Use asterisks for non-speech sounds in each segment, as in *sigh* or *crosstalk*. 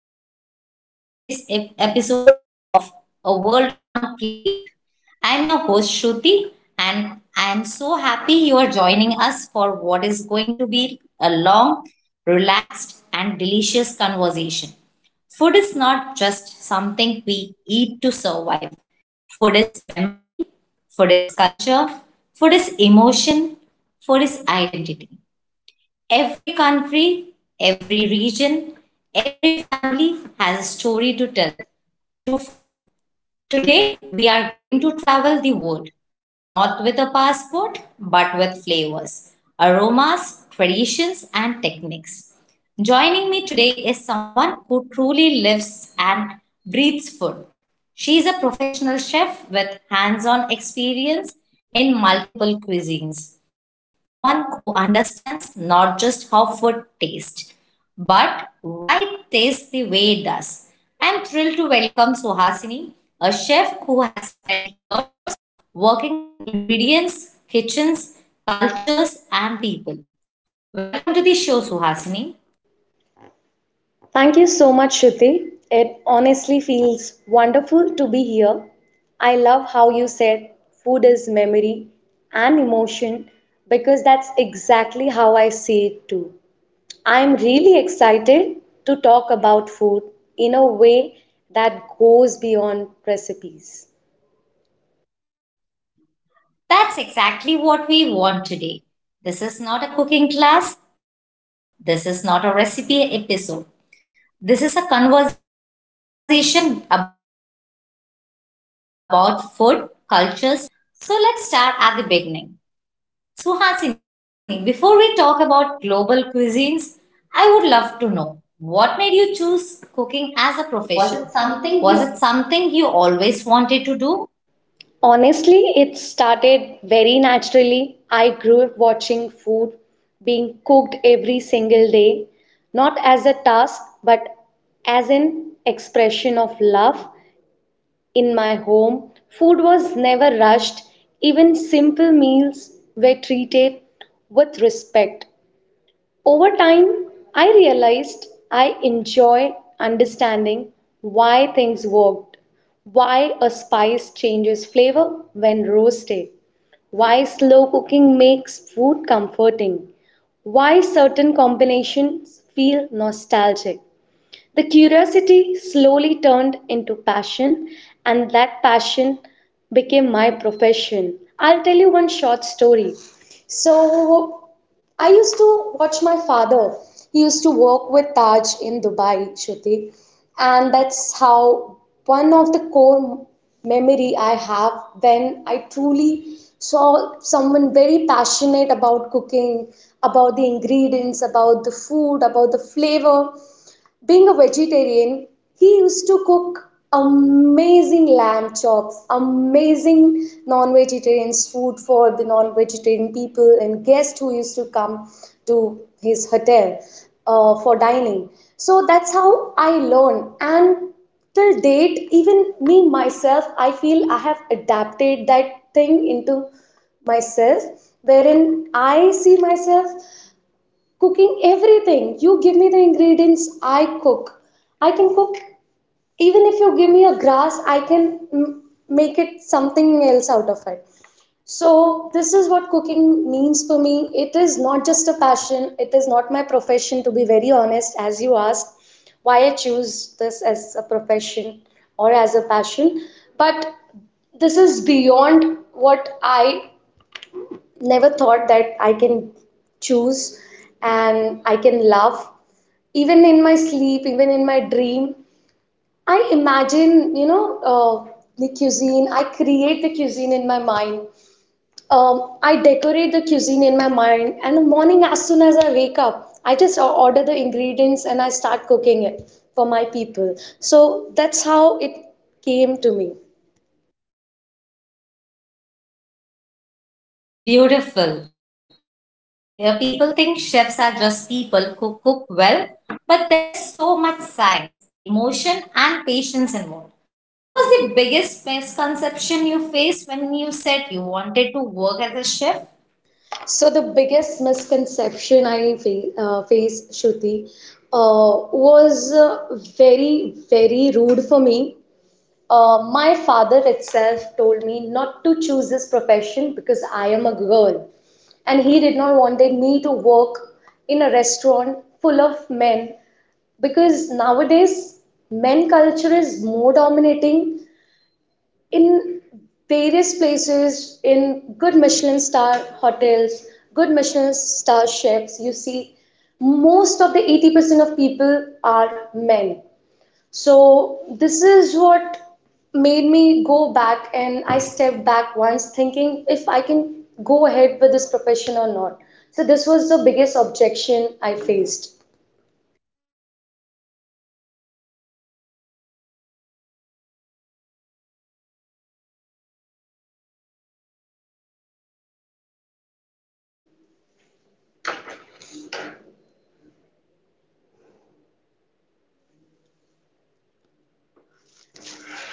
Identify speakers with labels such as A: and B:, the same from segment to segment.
A: everyone, and welcome to today's episode of A World on Plate. I'm your host, Shruti, and I'm so happy you are joining us for what is going to be a long, relaxed, and delicious conversation. Food is not just something we eat to survive, food is memory, food is culture, food is emotion, food is identity. Every country, every region, every family has a story to tell through food. Today, we are going to travel the world, not with a passport, but with flavors, aromas, traditions, and techniques. Joining me today is someone who truly lives and breathes food. She is a professional chef with hands on experience in multiple cuisines, someone who understands not just how food tastes, but why it tastes the way it does. I'm thrilled to welcome Suhasini, a chef who has spent years working with ingredients, kitchens, cultures, and people. Welcome to the show, Suhasini.
B: Thank you so much, Shruti. It honestly feels wonderful to be here. I love how you said food is memory and emotion because that's exactly how I see it too. I'm really excited to talk about food in a way that goes beyond recipes.
A: That's exactly what we want today. This is not a cooking class, this is not a recipe episode. This is a conversation about food, cultures, cuisines, evolution, and experiences. So let's start at the beginning. Suhasini, before we talk about global cuisines, I would love to know what made you choose cooking as a
B: Was it
A: profession?
B: something you
A: Was it something you always wanted to do?
B: Honestly, it started very naturally. I grew up watching food being cooked every single day, not as a task, but as an expression of love. In my home, food was never rushed, even simple meals were treated with respect. Over time, I realized I enjoyed understanding why things worked, why a spice changes flavor when roasted, why slow cooking makes food comforting, why certain combinations feel nostalgic. The curiosity slowly turned into passion, and that passion became my profession. I'll tell you one short story. So, I used to watch my father. He used to work with Taj in Dubai, Shruti. And that's how one of the core memory I have when I truly saw someone very passionate about cooking, about the ingredients, about the food, about the flavor. Being a vegetarian, he used to cook amazing lamb chops, amazing non vegetarian's food for the non vegetarian people and guests who used to come to his hotel for dining. So that's how I learned. And till date, even me myself, I feel I have adapted that thing into myself wherein I see myself cooking everything. You give me the ingredients, I cook. I can cook even if you give me a grass, make it something else out of it. So, this is what cooking means for me. It is not just a passion, it is not my profession, to be very honest, as you asked why I choose this as a profession or as a passion. But this is beyond what I never thought that I can choose and I can love. Even in my sleep, even in my dream, I imagine, the cuisine. I create the cuisine in my mind. I decorate the cuisine in my mind. And the morning, as soon as I wake up, order the ingredients and I start cooking it for my people. So that's how it came to me.
A: That's beautiful. Many people think chefs are just people who cook well, but there's so much science, emotion, and patience involved. What was the biggest misconception you faced when you said you wanted to work as a chef?
B: So the biggest misconception I faced, Shruti, uh, was very, very rude for me. My father itself told me not to choose this profession because I am a girl, and he did not wanted me to work in a restaurant full of men because nowadays men culture is more dominating in various places in good Michelin star hotels, good Michelin star chefs. You see, most of the 80% of people are men, so this is what made me go back and I stepped back once thinking if I can go ahead with this profession or not. So this was the biggest objection I faced.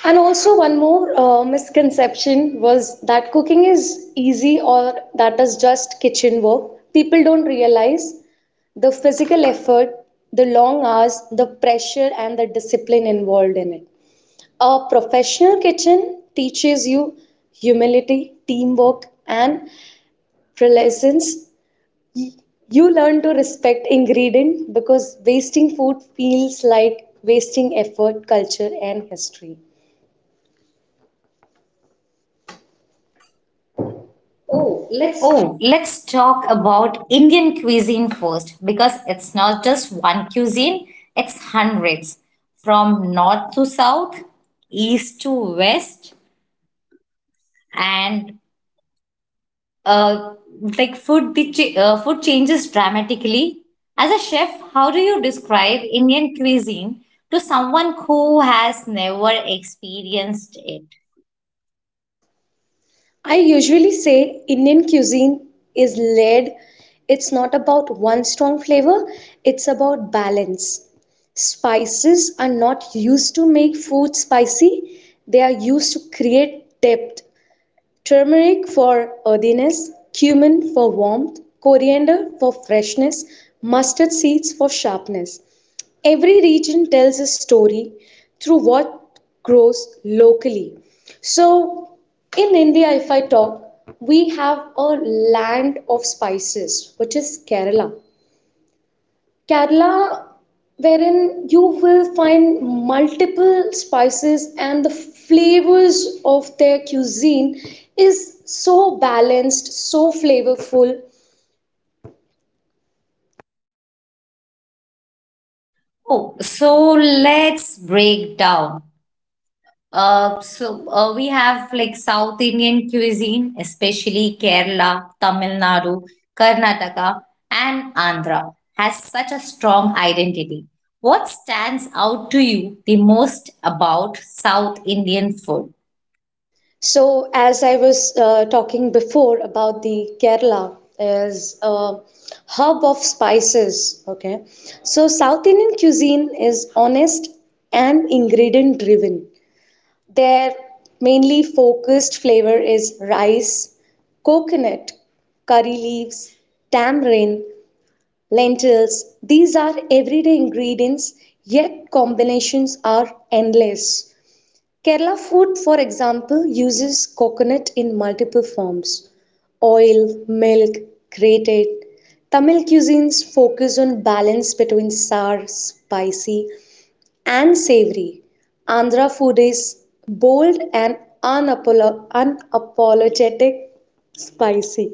B: And also one more misconception was that cooking is easy or that is just kitchen work. People don't realize the physical effort, the long hours, the pressure and the discipline involved in it. A professional kitchen teaches you humility, teamwork, and presence. You learn to respect ingredients because wasting food feels like wasting effort, culture, and history. Oh,
A: Oh,
B: let's
A: let's talk about Indian cuisine first because it's not just one cuisine, it's hundreds from north to south, east to west, and uh, like food changes dramatically. As a chef, how do you describe Indian cuisine to someone who has never experienced it?
B: I usually say Indian cuisine is layered. It's not about one strong flavor, it's about balance. Spices are not used to make food spicy, they are used to create depth. Turmeric for earthiness, cumin for warmth, coriander for freshness, mustard seeds for sharpness. Every region tells a story through what grows locally. So, in India, if I talk, we have a land of spices, which is Kerala. Kerala, wherein you will find multiple spices and the flavors of their cuisine is so balanced, so flavorful.
A: Oh, so let's break down. We have like South Indian cuisine, especially Kerala, Tamil Nadu, Karnataka, and Andhra, has such a strong identity. What stands out to you the most about South Indian food?
B: So, as I was talking before about the Kerala is a hub of spices. Okay, so South Indian cuisine is honest and ingredient driven. Their mainly focused flavor is rice, coconut, curry leaves, tamarind, lentils. These are everyday ingredients, yet combinations are endless. Kerala food, for example, uses coconut in multiple forms: oil, milk, grated. Tamil cuisines focus on balance between sour, spicy, and savory. Andhra food is bold and unapologetic spicy.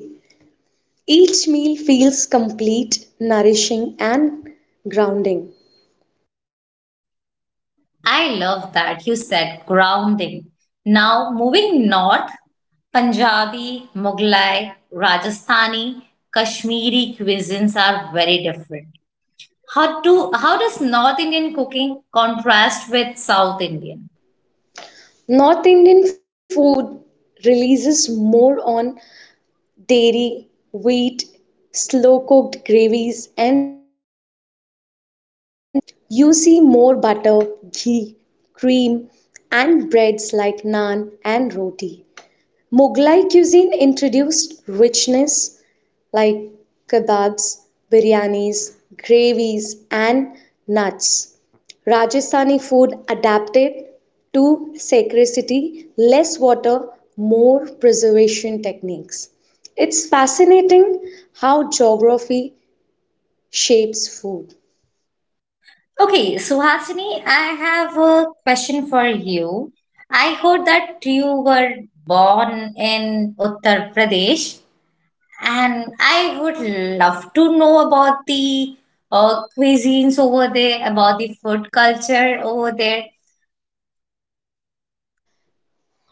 B: Each meal feels complete, nourishing, and grounding.
A: I love that you said grounding. Now, moving north, Punjabi, Mughlai, Rajasthani, Kashmiri cuisines are very different. How does North Indian cooking contrast with South Indian?
B: North Indian food releases more on dairy, wheat, slow cooked gravies, and dry spices. You see more butter, ghee, cream, and breads like naan and roti. Mughlai cuisine introduced richness like kebabs, biryanis, gravies, and nuts. Rajasthani food adapted to scarcity, less water, more preservation techniques. It's fascinating how geography shapes food.
A: Okay, Suhasini, I have a question for you. I heard that you were born in Uttar Pradesh, and I would love to know about the cuisines over there, about the food culture over there.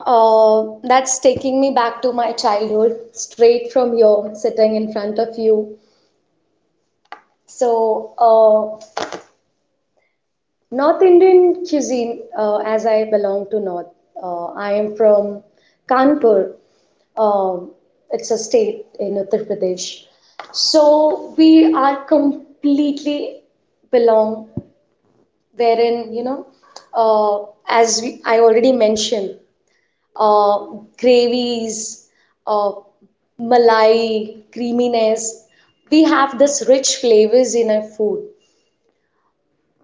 B: That's taking me back to my childhood, straight from here, sitting in front of you. So, North Indian cuisine, as I belong to North, I am from Kanpur. Um, it's a state in Uttar Pradesh. So we are completely belong wherein, you know, I already mentioned, uh, gravies, uh, malai, creaminess. We have this rich flavors in our food.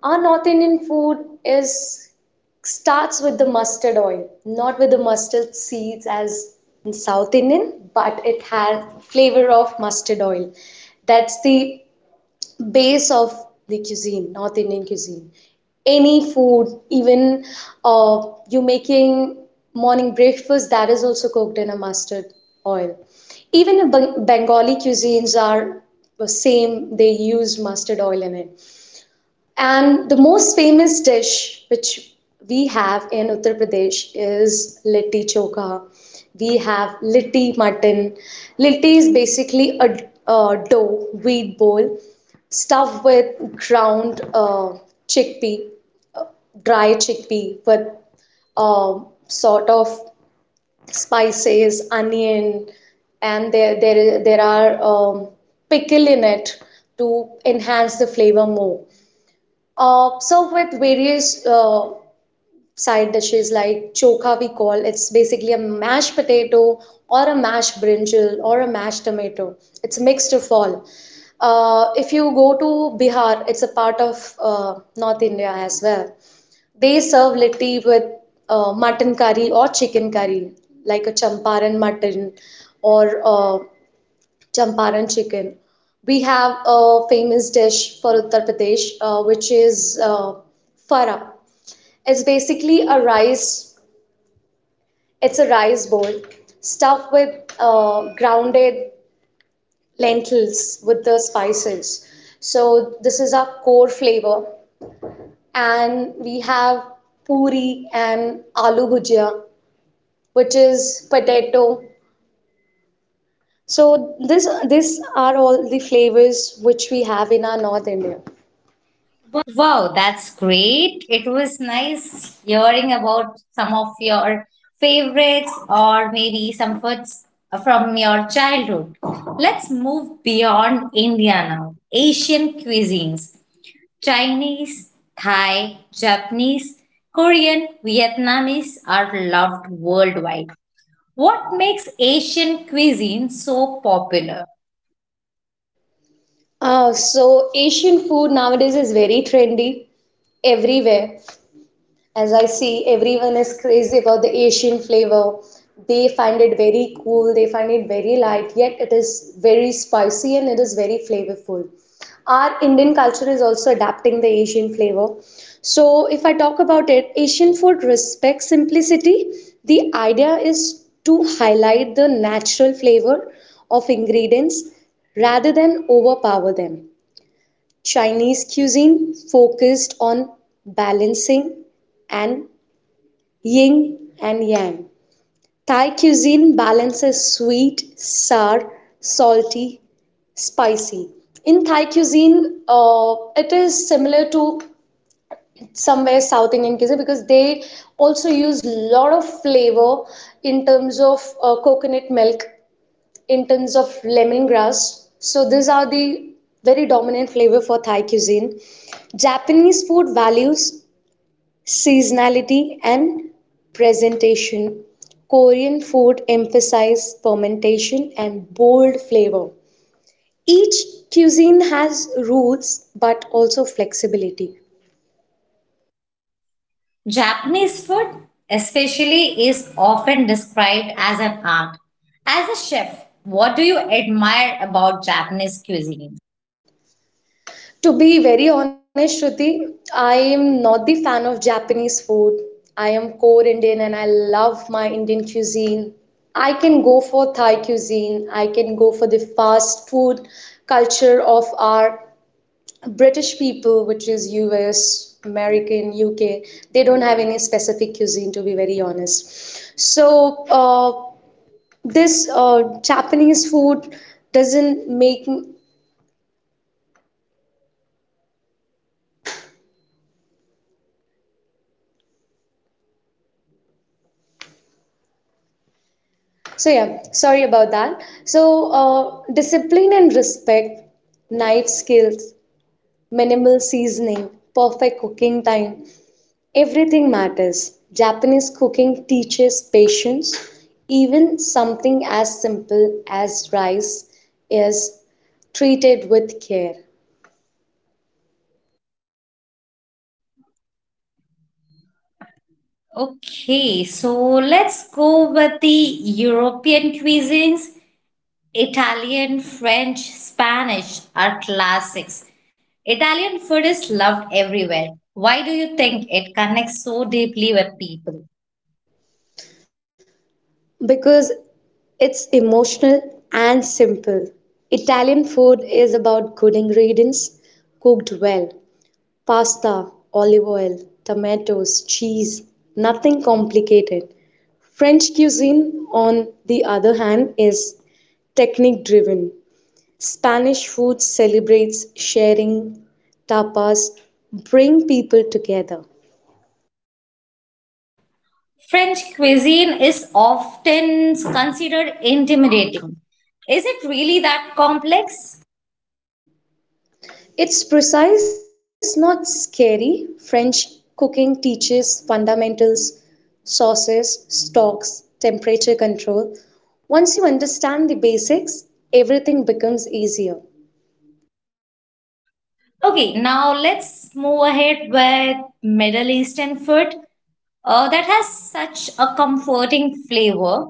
B: Our North Indian food is starts with the mustard oil, not with the mustard seeds as in South Indian, but it has flavor of mustard oil. That's the base of the cuisine, North Indian cuisine. Any food, even uh, you making morning breakfast, that is also cooked in a mustard oil. Even Bengali cuisines are the same, they use mustard oil in it. And the most famous dish which we have in Uttar Pradesh is litti chokha. We have litti mutton. Litti is basically a dough, wheat bowl, stuffed with ground chickpea, dry chickpea, with sort of spices, onion, and there are pickle in it to enhance the flavor more. Served with various side dishes like chokha, we call it's basically a mashed potato or a mashed brinjal or a mashed tomato. It's a mixed of all. If you go to Bihar, it's a part of North India as well. They serve litti with mutton curry or chicken curry, like a champaran mutton or Champaran chicken. We have a famous dish for Uttar Pradesh, which is fara. It's basically a rice. It's a rice bowl stuffed with grounded lentils with the spices. So this is our core flavor, and we have puri and aloo bhujia, which is potato. So this these are all the flavors which we have in our North India.
A: Wow, that's great. It was nice hearing about some of your favorites or maybe some foods from your childhood. Let's move beyond India now. Asian cuisines: Chinese, Thai, Japanese, Korean, Vietnamese are loved worldwide. What makes Asian cuisine so popular?
B: So Asian food nowadays is very trendy everywhere. As I see, everyone is crazy about the Asian flavor. They find it very cool, they find it very light, yet it is very spicy and it is very flavorful. Our Indian culture is also adapting the Asian flavor. So, if I talk about it, Asian food respects simplicity. The idea is to highlight the natural flavor of ingredients rather than overpower them. Chinese cuisine focused on balancing and yin and yang. Thai cuisine balances sweet, sour, salty, spicy. In Thai cuisine, it is similar to somewhere South Indian cuisine because they also use a lot of flavor in terms of coconut milk, in terms of lemongrass. So these are the very dominant flavor for Thai cuisine. Japanese food values seasonality and presentation. Korean food emphasizes fermentation and bold flavor. Each cuisine has rules but also flexibility.
A: Japanese food, especially, is often described as an art. As a chef, what do you admire about Japanese cuisine?
B: To be very honest, Shruti, I am not the fan of Japanese food. I am core Indian and I love my Indian cuisine. I can go for Thai cuisine, I can go for the fast food culture of our British people, which is US, American, UK. They don't have any specific cuisine, to be very honest. So, this Japanese food doesn't make. So yeah, sorry about that. So discipline and respect, knife skills, minimal seasoning, perfect cooking time, everything matters. Japanese cooking teaches patience. Even something as simple as rice is treated with care
A: Okay, so let's go with the European cuisines. Italian, French, Spanish are classics. Italian food is loved everywhere. Why do you think it connects so deeply with people?
B: because it's emotional and simple. Italian food is about good ingredients cooked well. Pasta, olive oil, tomatoes, cheese, nothing complicated. French cuisine, on the other hand, is technique driven. Spanish food celebrates sharing, tapas bring people together.
A: French cuisine is often considered intimidating. Is it really that complex?
B: It's precise, not scary. French cooking teaches fundamentals, sauces, stocks, temperature control. Once you understand the basics, everything becomes easier.
A: Okay, now let's move ahead with Middle Eastern food that has such a comforting flavor.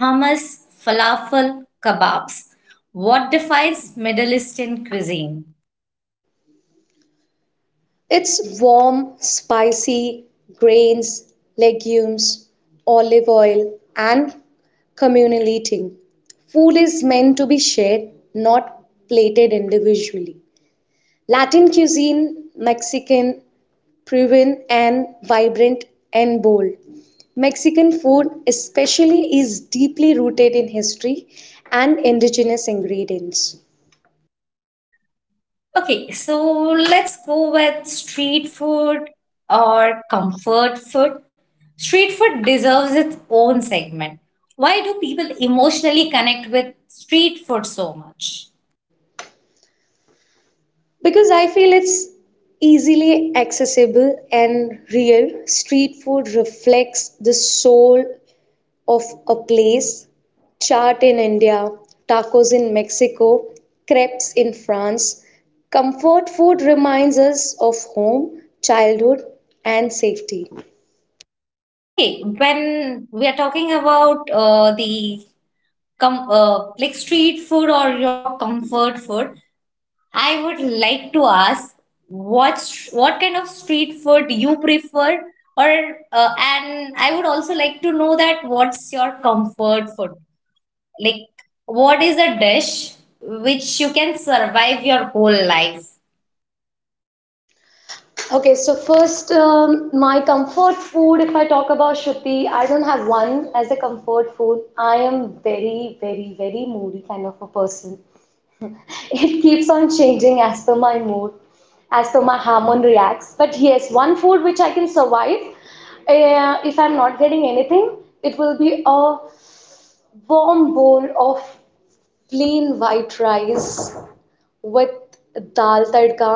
A: Hummus, falafel, kebabs. What defines Middle Eastern cuisine?
B: It's warm, spicy, grains, legumes, olive oil, and communal eating. Food is meant to be shared, not plated individually. Latin cuisine, Mexican, Peruvian, and vibrant and bold. Mexican food, especially, is deeply rooted in history and indigenous ingredients.
A: Okay, so let's go with street food or comfort food. Street food deserves its own segment. Why do people emotionally connect with street food so much?
B: Because I feel it's easily accessible and real, street food reflects the soul of a place. Chaat in India, tacos in Mexico, crepes in France. Comfort food reminds us of home, childhood, and safety.
A: Okay, when we are talking about the like street food or your comfort food, I would like to ask what kind of street food you prefer, or and I would also like to know that what's your comfort food? Like, what is a dish which you can survive your whole life?
B: Okay, so first, my comfort food, if I talk about Shruti, I don't have one as a comfort food. I am very, very, very moody kind of a person. It keeps on changing as per my mood, as per my hormone reacts. But yes, one food which I can survive if I'm not getting anything, it will be a warm bowl of plain white rice with dal tadka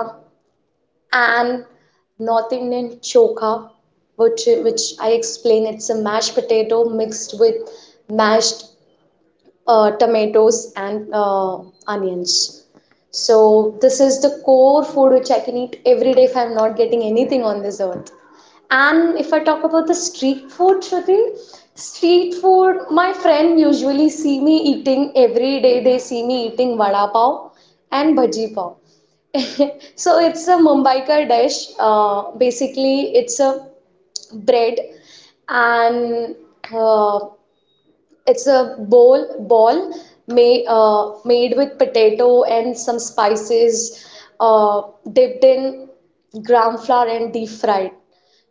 B: and North Indian choka, which which I explain it's a mashed potato mixed with mashed tomatoes and onions. So this is the core food which I can eat every day if I'm not getting anything on this earth. And if I talk about the street food, Shruti, street food, my friend usually see me eating every day. They see me eating vada pav and bhaji pav. *laughs* So it's a Mumbai ka dish. Basically, it's a bread and uh, it's a bowl ball made with potato and some spices, uh, dipped in gram flour and deep fried.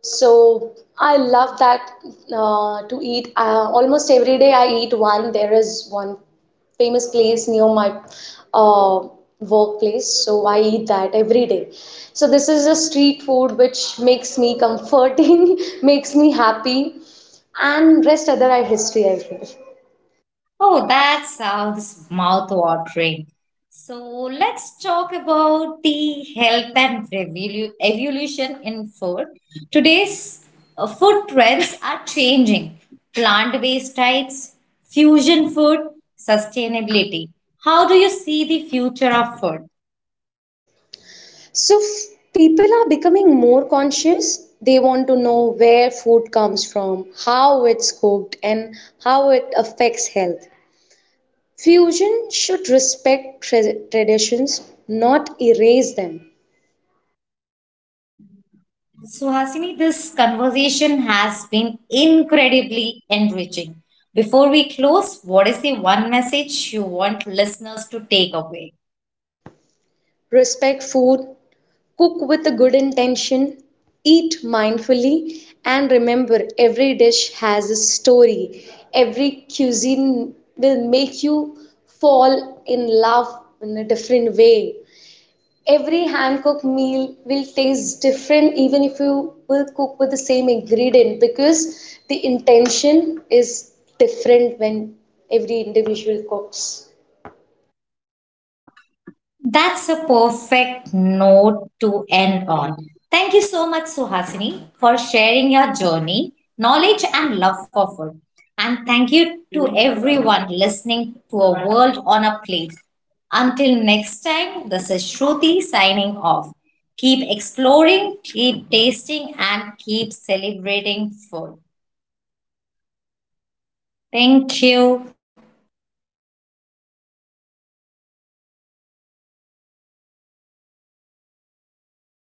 B: So I love that to eat. Almost every day I eat one. There is one famous place near my uh, workplace, so I eat that every day. So this is a street food which makes me comforting, *laughs* makes me happy, and rest other are history, I feel.
A: Oh, that sounds mouth-watering. So let's talk about the health and evolution in food. Today's food trends are changing. Plant-based diets, fusion food, sustainability. How do you see the future of food?
B: People are becoming more conscious. They want to know where food comes from, how it's cooked, and how it affects health. Fusion should respect traditions, not erase them.
A: Suhasini, this conversation has been incredibly enriching. Before we close, what is the one message you want listeners to take away?
B: Respect food, cook with a good intention, eat mindfully, and remember every dish has a story. Every cuisine will make you fall in love in a different way. Every hand cooked meal will taste different even if you will cook with the same ingredient because the intention is different when every individual cooks.
A: That's a perfect note to end on. Thank you so much, Suhasini, for sharing your journey, knowledge, and love for food. And thank you to everyone listening to A World on a Plate. Until next time, this is Shruti signing off. Keep exploring, keep tasting, and keep celebrating food. Thank you.